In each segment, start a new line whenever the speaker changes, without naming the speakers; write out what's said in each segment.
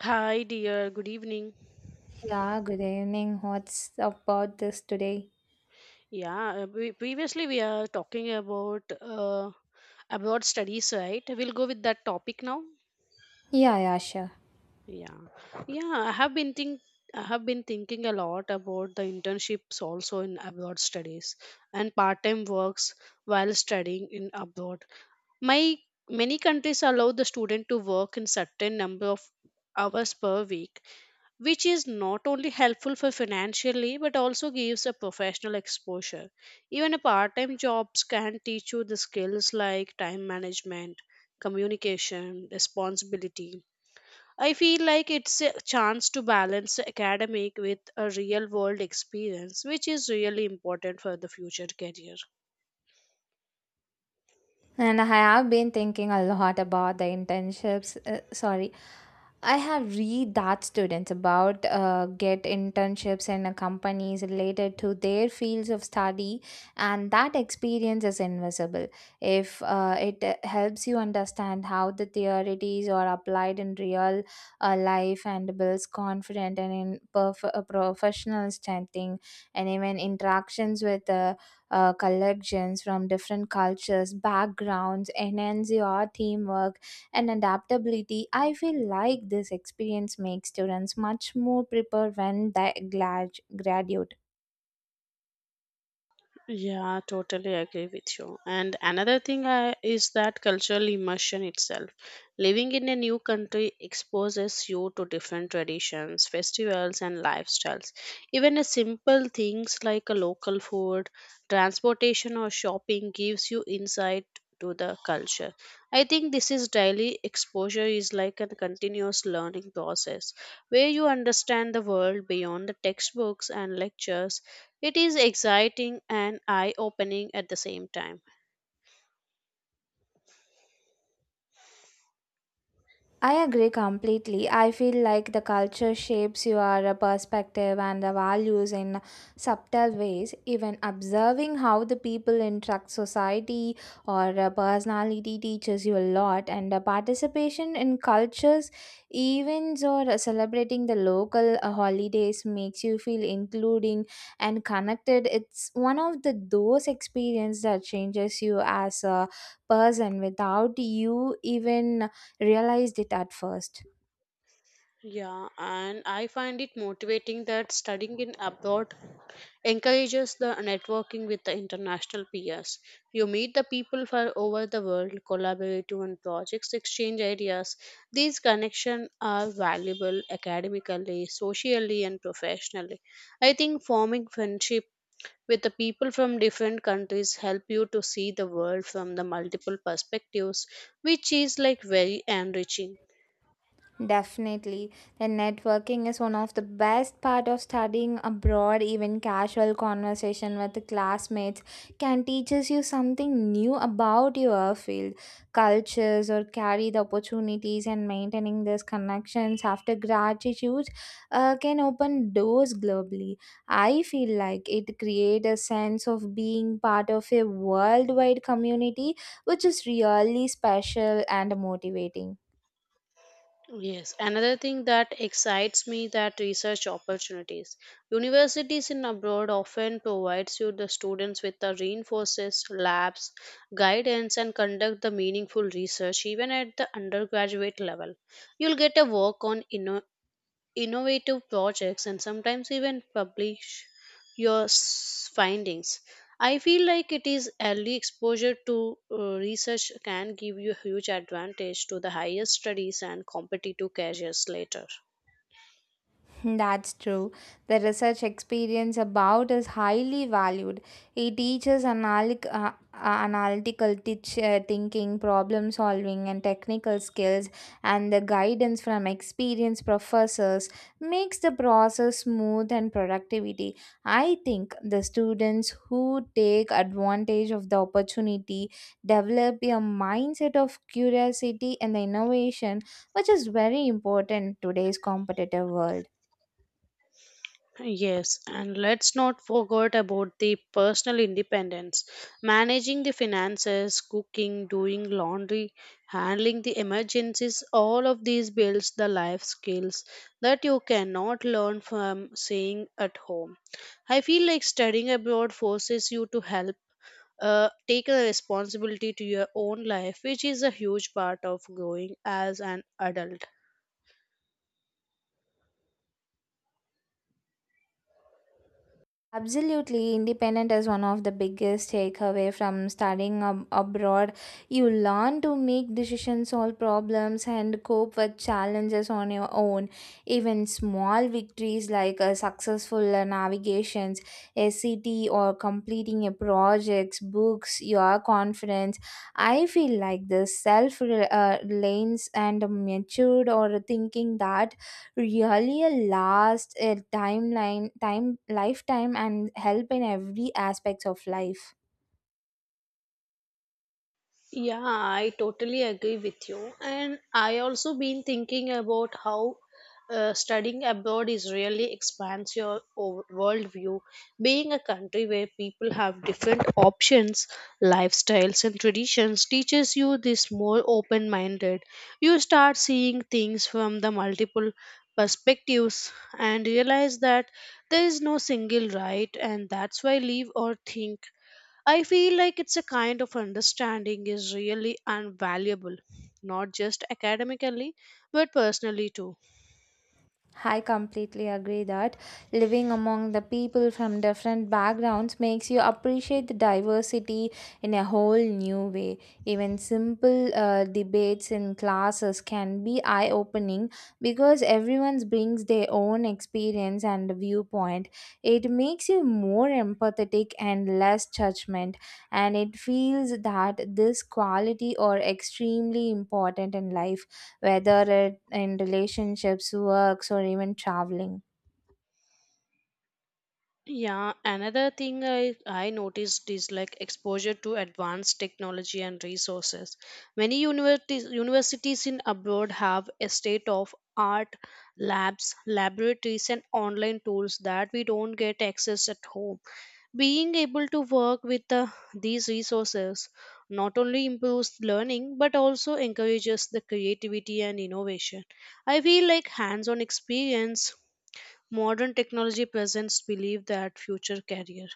Hi, dear. Good evening.
Yeah, good evening. What's about this today?
Yeah, we, previously we are talking about abroad studies, right? We'll go with that topic now.
Yeah, yeah, sure.
Yeah, yeah. I have been thinking a lot about the internships also in abroad studies and part-time works while studying in abroad. My Many countries allow the student to work in certain number of hours per week, which is not only helpful for financially but also gives a professional exposure. Even a part-time jobs can teach you the skills like time management, communication, responsibility. I feel like it's a chance to balance academic with a real world experience, which is really important for the future career.
And I have been thinking a lot about the internships. I have read that students about get internships in a companies related to their fields of study, and that experience is invisible. If it helps you understand how the theories are applied in real life and builds confidence and in professional standing and even interactions with the collections from different cultures, backgrounds, enhance your teamwork and adaptability. I feel like this experience makes students much more prepared when they graduate.
Yeah, totally agree with you. And is that cultural immersion itself. Living in a new country exposes you to different traditions, festivals, and lifestyles. Even a simple things like a local food, transportation, or shopping gives you insight to the culture. I think this is daily exposure is like a continuous learning process where you understand the world beyond the textbooks and lectures. It is exciting and eye opening at the same time.
I agree completely. I feel like the culture shapes your perspective and the values in subtle ways. Even observing how the people interact society or personality teaches you a lot and participation in cultures events or celebrating the local holidays makes you feel including and connected. It's one of the those experience that changes you as a person without you even realized it at first.
Yeah, and I find it motivating that studying in abroad encourages the networking with the international peers. You meet the people from over the world, collaborate on projects, exchange ideas. These connections are valuable academically, socially, and professionally. I think forming friendship with the people from different countries help you to see the world from the multiple perspectives, which is like very enriching.
Definitely. Then networking is one of the best part of studying abroad. Even casual conversation with the classmates can teaches you something new about your field, cultures or carry the opportunities and maintaining these connections after gratitude can open doors globally. I feel like it creates a sense of being part of a worldwide community which is really special and motivating.
Yes, another thing that excites me that research opportunities. Universities in abroad often provides you the students with the reinforces labs, guidance, and conduct the meaningful research. Even at the undergraduate level, you'll get a work on innovative projects and sometimes even publish your findings. I feel like it is early exposure to research can give you a huge advantage to the higher studies and competitive careers later.
That's true. The research experience about is highly valued. It teaches analytical thinking, problem solving, and technical skills, and the guidance from experienced professors makes the process smooth and productivity. I think the students who take advantage of the opportunity develop a mindset of curiosity and the innovation, which is very important in today's competitive world.
Yes, and let's not forget about the personal independence. Managing the finances, cooking, doing laundry, handling the emergencies, all of these builds the life skills that you cannot learn from staying at home. I feel like studying abroad forces you to help take a responsibility to your own life, which is a huge part of growing as an adult.
Absolutely, independent is one of the biggest takeaway from studying abroad. You learn to make decisions, solve problems, and cope with challenges on your own. Even small victories like successful navigations, a city, or completing a project books your confidence. I feel like the self reliance and matured or thinking that really a last a timeline time lifetime and help in every aspects of life.
Yeah, I totally agree with you. And I also been thinking about how studying abroad is really expands your worldview. Being a country where people have different options, lifestyles, and traditions teaches you this more open minded. You start seeing things from the multiple perspectives and realize that there is no single right, and that's why live or think. I feel like it's a kind of understanding is really invaluable, not just academically, but personally too.
I completely agree that living among the people from different backgrounds makes you appreciate the diversity in a whole new way. Even simple debates in classes can be eye opening because everyone brings their own experience and viewpoint. It makes you more empathetic and less judgment, and it feels that this quality are extremely important in life whether it in relationships, works, or even traveling.
Yeah, another thing I noticed is like exposure to advanced technology and resources. Many universities in abroad have a state of art labs, laboratories, and online tools that we don't get access at home. Being able to work with these resources not only improves learning but also encourages the creativity and innovation. I feel like hands on experience modern technology presents believe that future career.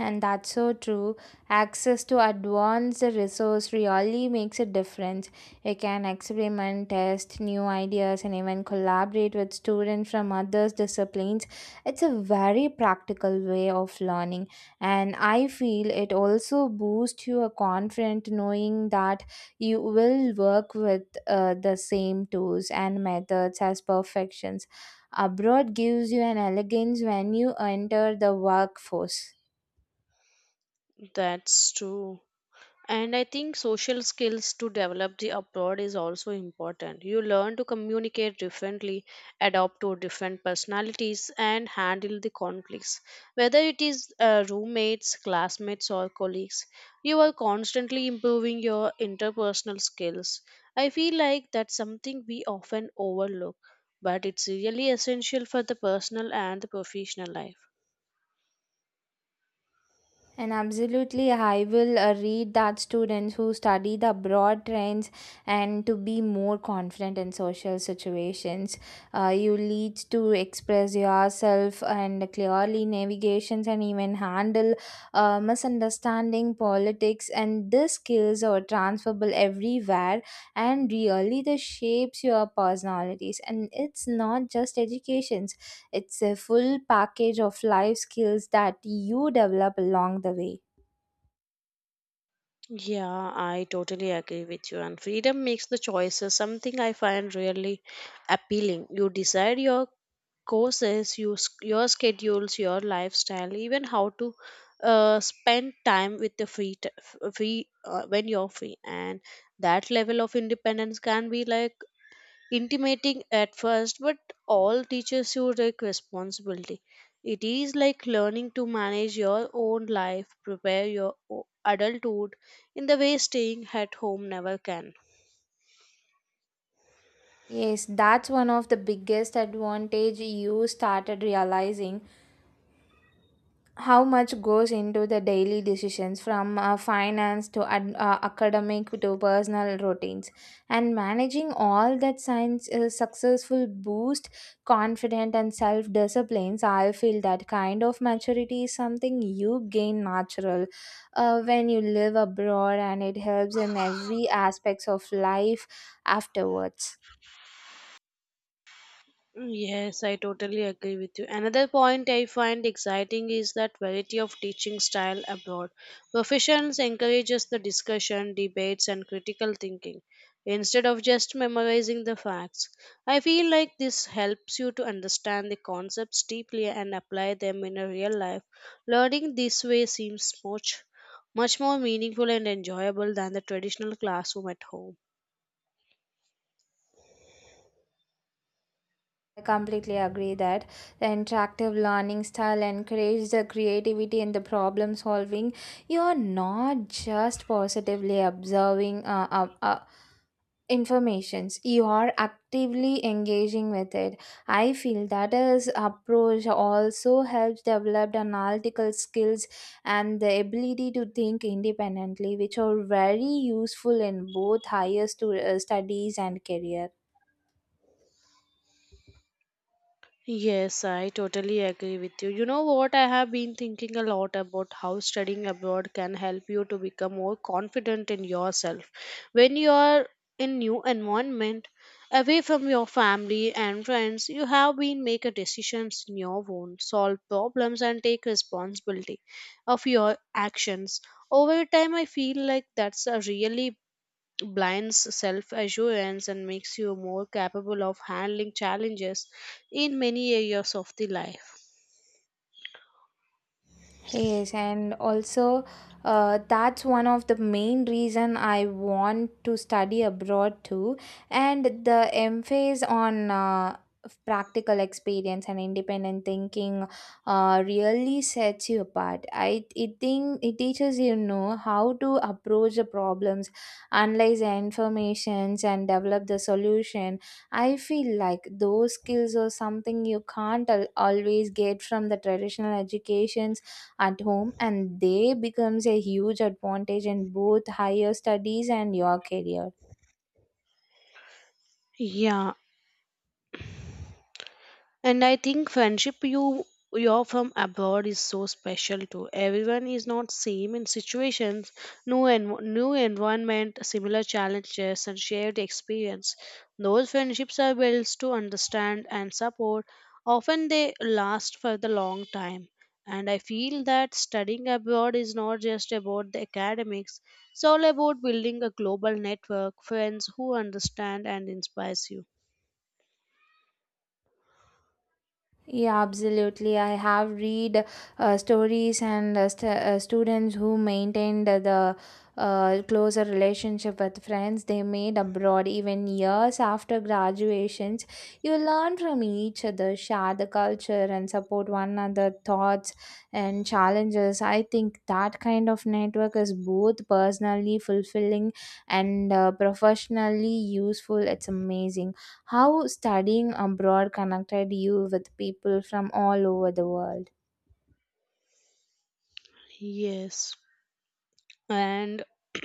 And that's so true. Access to advanced resource really makes a difference. You can experiment, test new ideas, and even collaborate with students from other disciplines. It's a very practical way of learning, and I feel it also boosts your confidence knowing that you will work with the same tools and methods as perfections. Abroad gives you an elegance when you enter the workforce.
That's true. And I think social skills to develop the abroad is also important. You learn to communicate differently, adapt to different personalities, and handle the conflicts. Whether it is roommates, classmates, or colleagues, you are constantly improving your interpersonal skills. I feel like that's something we often overlook, but it's really essential for the personal and the professional life.
And absolutely, I will read that students who study the broad trends and to be more confident in social situations. You lead to express yourself and clearly navigations and even handle misunderstanding politics. And these skills are transferable everywhere and really they shapes your personalities. And it's not just educations. It's a full package of life skills that you develop along the way.
Yeah, I totally agree with you. And freedom makes the choices something I find really appealing. You decide your courses, your schedules, your lifestyle, even how to spend time with the free, t- f- free when you're free. And that level of independence can be like intimating at first, but all teaches you like responsibility. It is like learning to manage your own life, prepare your adulthood in the way staying at home never can.
Yes, that's one of the biggest advantage you started realizing how much goes into the daily decisions from uh, finance to academic to personal routines and managing all that science successful boost confident and self disciplines. I feel that kind of maturity is something you gain natural when you live abroad and it helps in every aspects of life afterwards.
Yes, I totally agree with you. Another point I find exciting is that variety of teaching style abroad. Professions encourages the discussion, debates, and critical thinking instead of just memorizing the facts. I feel like this helps you to understand the concepts deeply and apply them in a real life. Learning this way seems much more meaningful and enjoyable than the traditional classroom at home.
I completely agree that the interactive learning style encourages the creativity and the problem solving. You are not just positively observing informations, you are actively engaging with it. I feel that is approach also helps develop analytical skills and the ability to think independently which are very useful in both higher studies and career.
Yes, I totally agree with you. You know what? I have been thinking a lot about how studying abroad can help you to become more confident in yourself. When you are in new environment, away from your family and friends, you have been make a decisions in your own, solve problems, and take responsibility of your actions. Over time I feel like that's a really blinds self assurance and makes you more capable of handling challenges in many areas of the life.
Yes, and also that's one of the main reason I want to study abroad too, and the emphasis on practical experience and independent thinking really sets you apart. I it think it teaches you know how to approach the problems, analyze the informations, and develop the solution. I feel like those skills are something you can't al- always get from the traditional education at home and they becomes a huge advantage in both higher studies and your career.
Yeah. And I think friendship you're from abroad is so special too. Everyone is not same in situations, new and new environment, similar challenges, and shared experience. Those friendships are built to understand and support. Often they last for the long time. And I feel that studying abroad is not just about the academics. It's all about building a global network, friends who understand and inspires you.
Yeah, absolutely. I have read stories and students who maintained the closer relationship with friends they made abroad even years after graduations. You learn from each other, share the culture, and support one another thoughts and challenges. I think that kind of network is both personally fulfilling and professionally useful. It's amazing how studying abroad connected you with people from all over the world.
Yes. And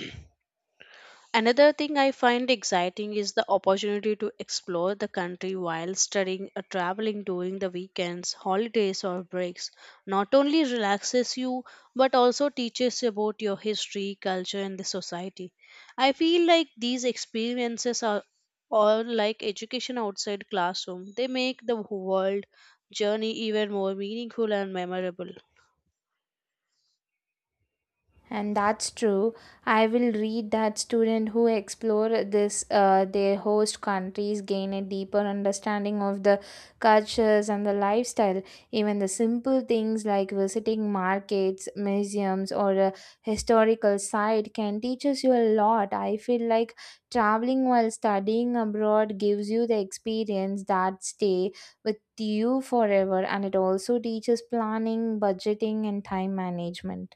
another thing I find exciting is the opportunity to explore the country while studying or traveling during the weekends, holidays, or breaks. Not only relaxes you, but also teaches you about your history, culture, and the society. I feel like these experiences are all like education outside classroom. They make the world journey even more meaningful and memorable.
And that's true. I will read that students who explore this their host countries gain a deeper understanding of the cultures and the lifestyle. Even the simple things like visiting markets, museums or a historical site can teach us you a lot. I feel like traveling while studying abroad gives you the experience that stay with you forever, and it also teaches planning, budgeting and time management.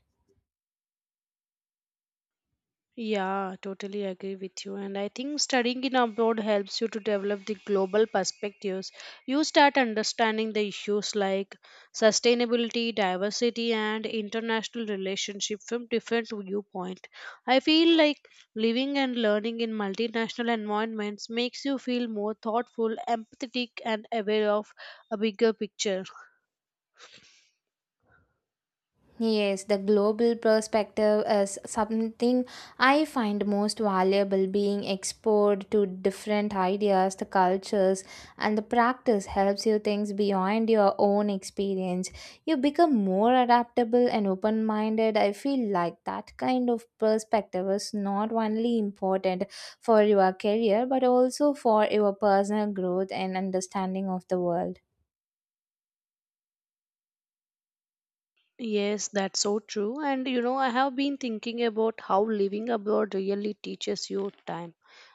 Yeah, totally agree with you. And I think studying in abroad helps you to develop the global perspectives. You start understanding the issues like sustainability, diversity, and international relationship from different viewpoint. I feel like living and learning in multinational environments makes you feel more thoughtful, empathetic, and aware of a bigger picture.
Yes, the global perspective is something I find most valuable, being exposed to different ideas, the cultures, and the practice helps you things beyond your own experience. You become more adaptable and open minded. I feel like that kind of perspective is not only important for your career but also for your personal growth and understanding of the world.
Yes, that's so true. And you know, I have been thinking about how living abroad really teaches you time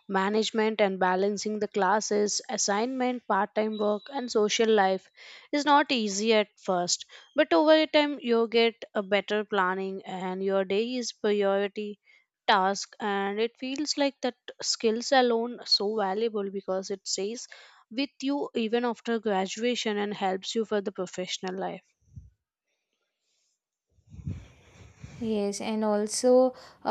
management, and balancing the classes, assignment, part time work, and social life is not easy at first. But over time, you get a better planning, and your day is priority task. And it feels like that skills alone so valuable because it stays with you even after graduation and helps you for the professional life.
Yes, and also uh,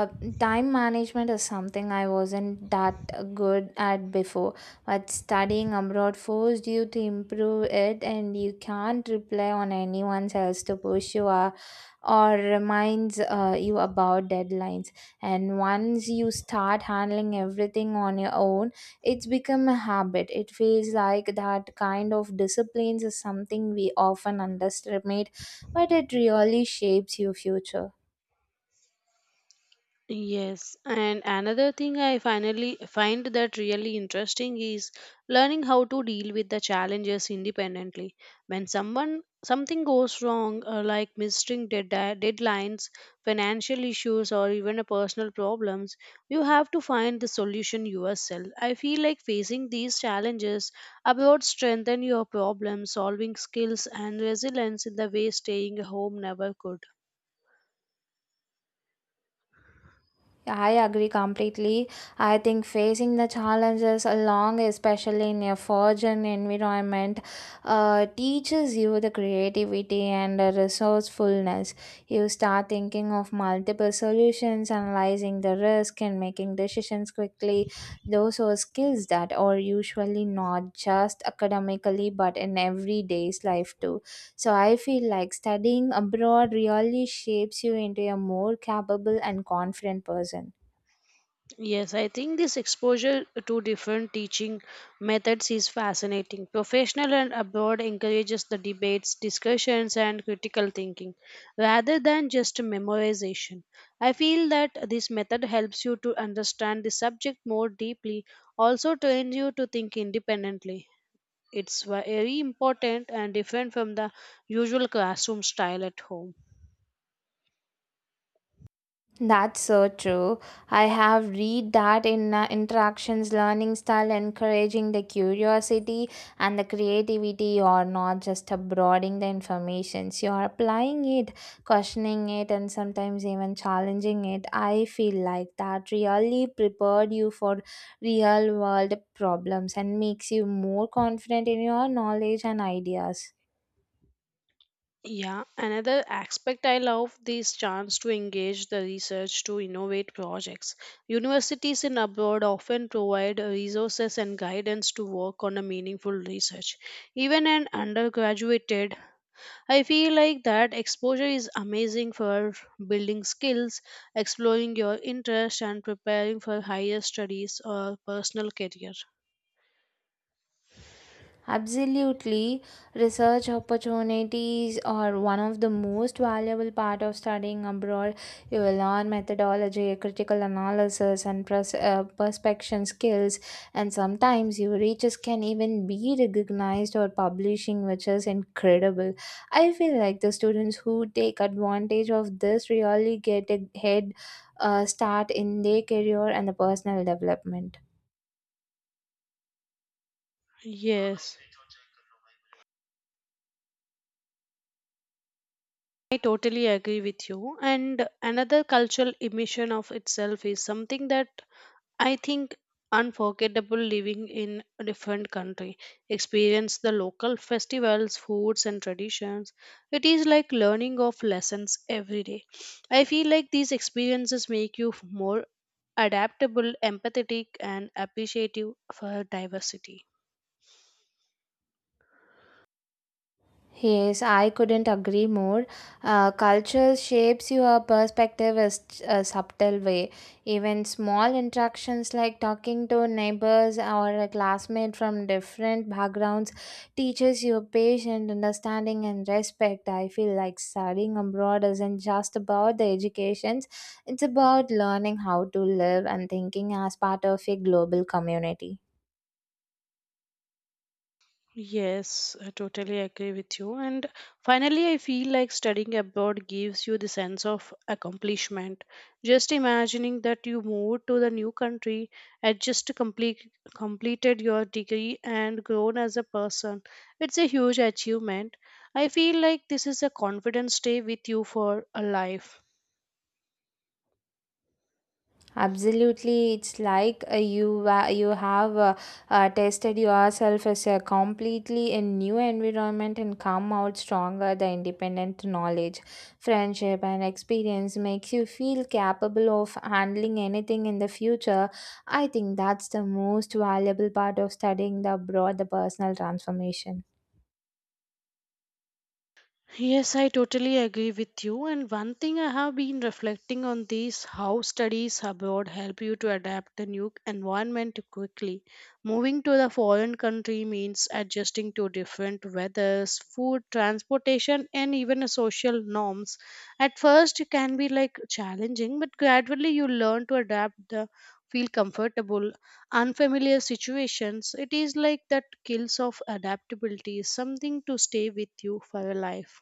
uh, time management is something I wasn't that good at before. But studying abroad forced you to improve it, and you can't rely on anyone else to push you or reminds you about deadlines. And once you start handling everything on your own, it's become a habit. It feels like that kind of disciplines is something we often underestimate but it really shapes your future.
Yes, and another thing I finally find that really interesting is learning how to deal with the challenges independently. When someone something goes wrong, like missing deadlines, financial issues, or even a personal problems, you have to find the solution yourself. I feel like facing these challenges about strengthen your problem solving skills and resilience in the way staying home never could.
Yeah, I agree completely. I think facing the challenges along, especially in a foreign environment, teaches you the creativity and the resourcefulness. You start thinking of multiple solutions, analyzing the risk, and making decisions quickly. Those are skills that are usually not just academically but in everyday's life too. So I feel like studying abroad really shapes you into a more capable and confident person.
Yes, I think this exposure to different teaching methods is fascinating. Professional and abroad encourages the debates, discussions, and critical thinking rather than just memorization. I feel that this method helps you to understand the subject more deeply, also trains you to think independently. It's very important and different from the usual classroom style at home.
That's so true. I have read that in interactions, learning style, encouraging the curiosity and the creativity, or not just broadening the information. So you are applying it, questioning it, and sometimes even challenging it. I feel like that really prepared you for real world problems and makes you more confident in your knowledge and ideas.
Yeah, another aspect I love this chance to engage the research to innovate projects. Universities in abroad often provide resources and guidance to work on a meaningful research. Even an undergraduate, I feel like that exposure is amazing for building skills, exploring your interest, and preparing for higher studies or personal career.
Absolutely. Research opportunities are one of the most valuable part of studying abroad. You will learn methodology, critical analysis, and perspection skills. And sometimes your research can even be recognized or publishing, which is incredible. I feel like the students who take advantage of this really get a head start in their career and the personal development.
Yes. I totally agree with you. And another cultural emission of itself is something that I think unforgettable living in a different country. Experience the local festivals, foods, and traditions. It is like learning of lessons every day. I feel like these experiences make you more adaptable, empathetic, and appreciative for diversity.
Yes, I couldn't agree more. Culture shapes your perspective in a subtle way. Even small interactions like talking to neighbors or a classmate from different backgrounds teaches you patience, understanding, and respect. I feel like studying abroad isn't just about the educations; it's about learning how to live and thinking as part of a global community.
Yes, I totally agree with you. And finally, I feel like studying abroad gives you the sense of accomplishment. Just imagining that you moved to the new country and just completed your degree and grown as a person, it's a huge achievement. I feel like this is a confidence stay with you for a life.
Absolutely, it's like you have tested yourself as a completely a new environment and come out stronger. The independent knowledge, friendship, and experience makes you feel capable of handling anything in the future. I think that's the most valuable part of studying the abroad, the personal transformation.
Yes, I totally agree with you. And one thing I have been reflecting on these how studies abroad help you to adapt the new environment quickly. Moving to the foreign country means adjusting to different weathers, food, transportation, and even social norms. At first, it can be like challenging, but gradually you learn to adapt the feel comfortable unfamiliar situations. It is like that skills of adaptability is something to stay with you for a life.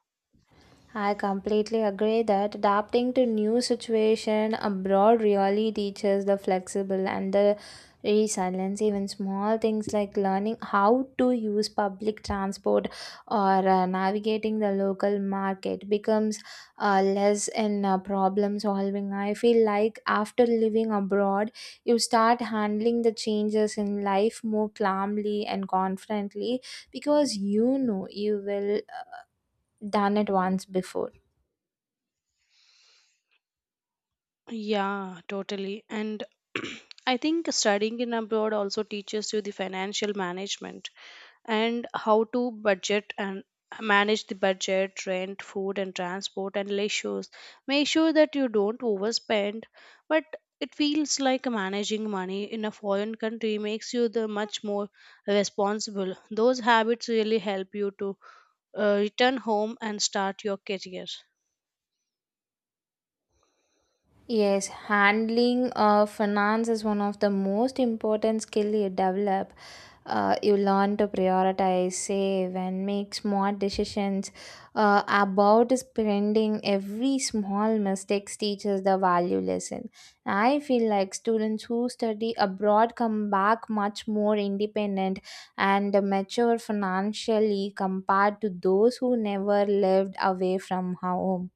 I completely agree that adapting to new situation abroad really teaches the flexible and the resilience. Even small things like learning how to use public transport or navigating the local market becomes less in problem solving. I feel like after living abroad, you start handling the changes in life more calmly and confidently because you know you will done it once before.
Yeah, totally. And I think studying in abroad also teaches you the financial management and how to budget and manage the budget, rent, food, and transport and leisures. Make sure that you don't overspend, but it feels like managing money in a foreign country makes you the much more responsible. Those habits really help you to return home and start your career.
Yes, handling finance is one of the most important skill you develop. You learn to prioritize, save, and make smart decisions about spending. Every small mistakes teaches the value lesson. I feel like students who study abroad come back much more independent and mature financially compared to those who never lived away from home.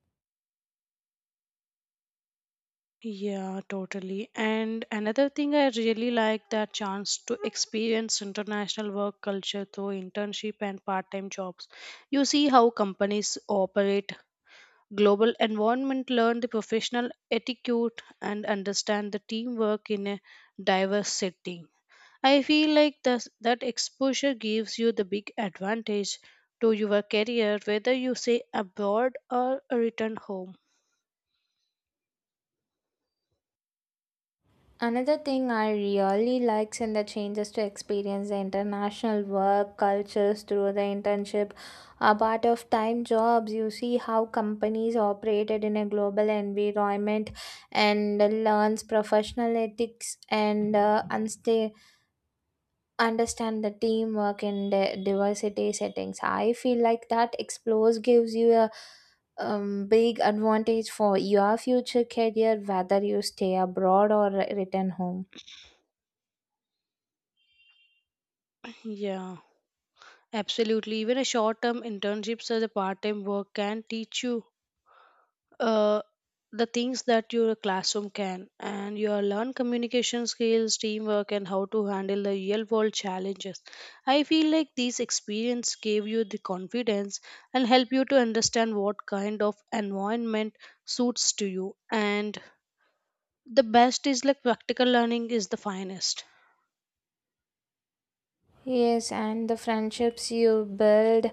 Yeah, totally. And another thing I really like that chance to experience international work culture through internship and part-time jobs. You see how companies operate, global environment, learn the professional etiquette, and understand the teamwork in a diverse setting. I feel like that exposure gives you the big advantage to your career, whether you stay abroad or return home.
Another thing I really likes in the change is to experience the international work cultures through the internship. A part of time jobs, you see how companies operated in a global environment and learns professional ethics and understand the teamwork in the diversity settings. I feel like that explores gives you a big advantage for your future career, whether you stay abroad or return home.
Yeah. Absolutely. Even a short term internships as a part time work can teach you uh, the things that your classroom can. And you learn communication skills, teamwork, and how to handle the real world challenges. I feel like these experience gave you the confidence and help you to understand what kind of environment suits to you. And the best is like practical learning is the finest.
Yes, and the friendships you build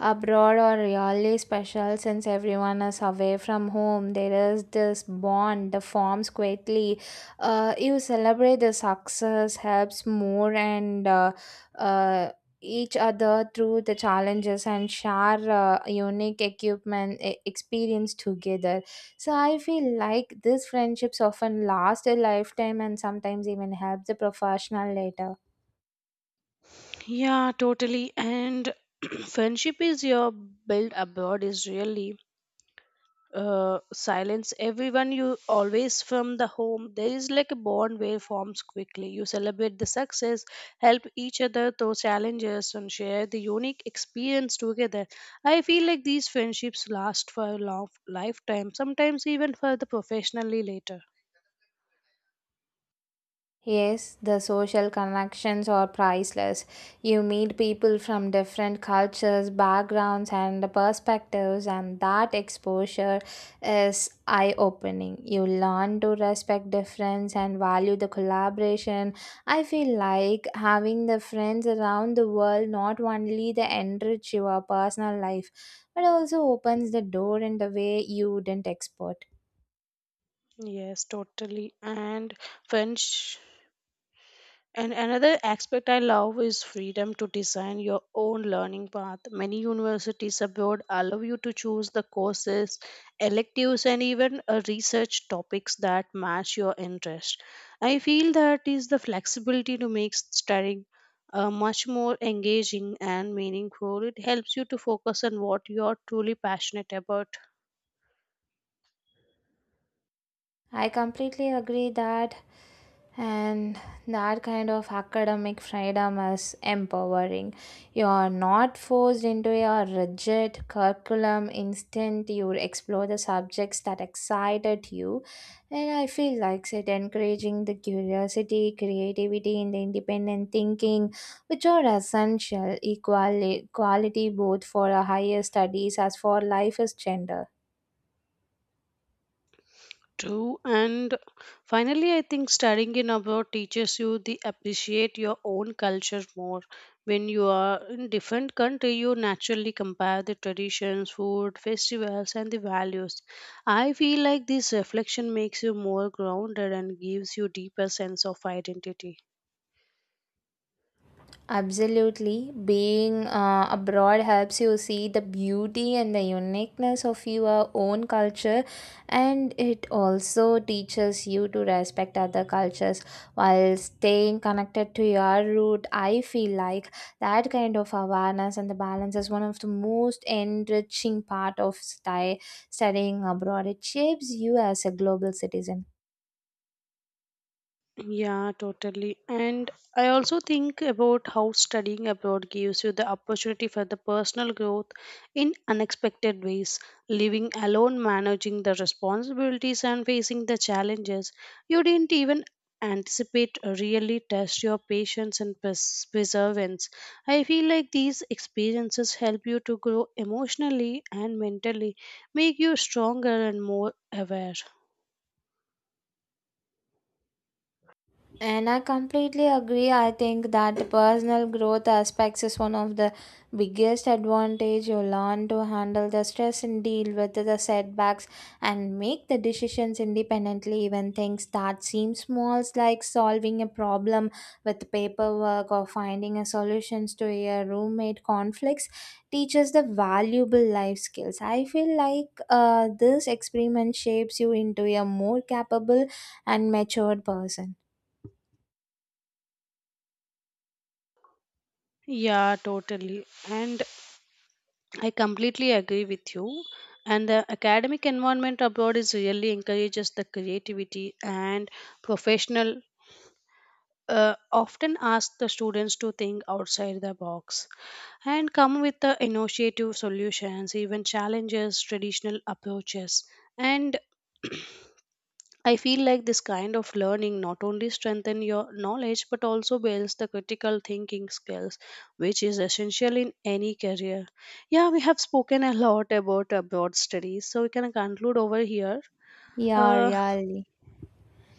abroad are really special since everyone is away from home. There is this bond that forms quickly. You celebrate the success, helps more, and uh, each other through the challenges and share unique experience together. So I feel like these friendships often last a lifetime and sometimes even help the professional later.
Yeah, totally. And friendship is your built abroad is really silence everyone you always from the home. There is like a bond where forms quickly. You celebrate the success, help each other through challenges, and share the unique experience together. I feel like these friendships last for a long lifetime, sometimes even for the professionally later.
Yes, the social connections are priceless. You meet people from different cultures, backgrounds, and perspectives, and that exposure is eye opening. You learn to respect difference and value the collaboration. I feel like having the friends around the world not only the enrich your personal life, but also opens the door in the way you didn't expect.
Yes, totally. And french And another aspect I love is freedom to design your own learning path. Many universities abroad allow you to choose the courses, electives, and even research topics that match your interest. I feel that is the flexibility to make studying much more engaging and meaningful. It helps you to focus on what you are truly passionate about.
I completely agree that and that kind of academic freedom is empowering. You are not forced into a rigid curriculum. Instead, you explore the subjects that excited you, and I feel like it encouraging the curiosity, creativity, and the independent thinking, which are essential equality both for a higher studies as for life as gender.
True, and finally, I think studying in abroad teaches you the appreciate your own culture more. When you are in different country, you naturally compare the traditions, food, festivals, and the values. I feel like this reflection makes you more grounded and gives you deeper sense of identity.
Absolutely. Being abroad helps you see the beauty and the uniqueness of your own culture, and it also teaches you to respect other cultures while staying connected to your root. I feel like that kind of awareness and the balance is one of the most enriching part of studying abroad. It shapes you as a global citizen.
Yeah, totally. And I also think about how studying abroad gives you the opportunity for the personal growth in unexpected ways. Living alone, managing the responsibilities, and facing the challenges you didn't even anticipate really test your patience and perseverance. I feel like these experiences help you to grow emotionally and mentally, make you stronger and more aware.
And I completely agree. I think that the personal growth aspects is one of the biggest advantage you learn to handle the stress and deal with the setbacks and make the decisions independently, even things that seem small like solving a problem with paperwork or finding a solutions to a roommate conflicts teaches the valuable life skills. I feel like this experiment shapes you into a more capable and matured person.
Yeah, totally. And I completely agree with you. And the academic environment abroad is really encourages the creativity and professional. Often ask the students to think outside the box and come with the innovative solutions, even challenges traditional approaches. And I feel like this kind of learning not only strengthen your knowledge but also builds the critical thinking skills, which is essential in any career. Yeah, we have spoken a lot about abroad studies, so we can conclude over here.
Yeah,
Uh,
really.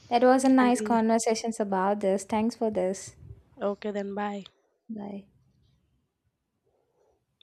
That was a nice
until
conversations about this. Thanks for this.
Okay, then bye.
Bye.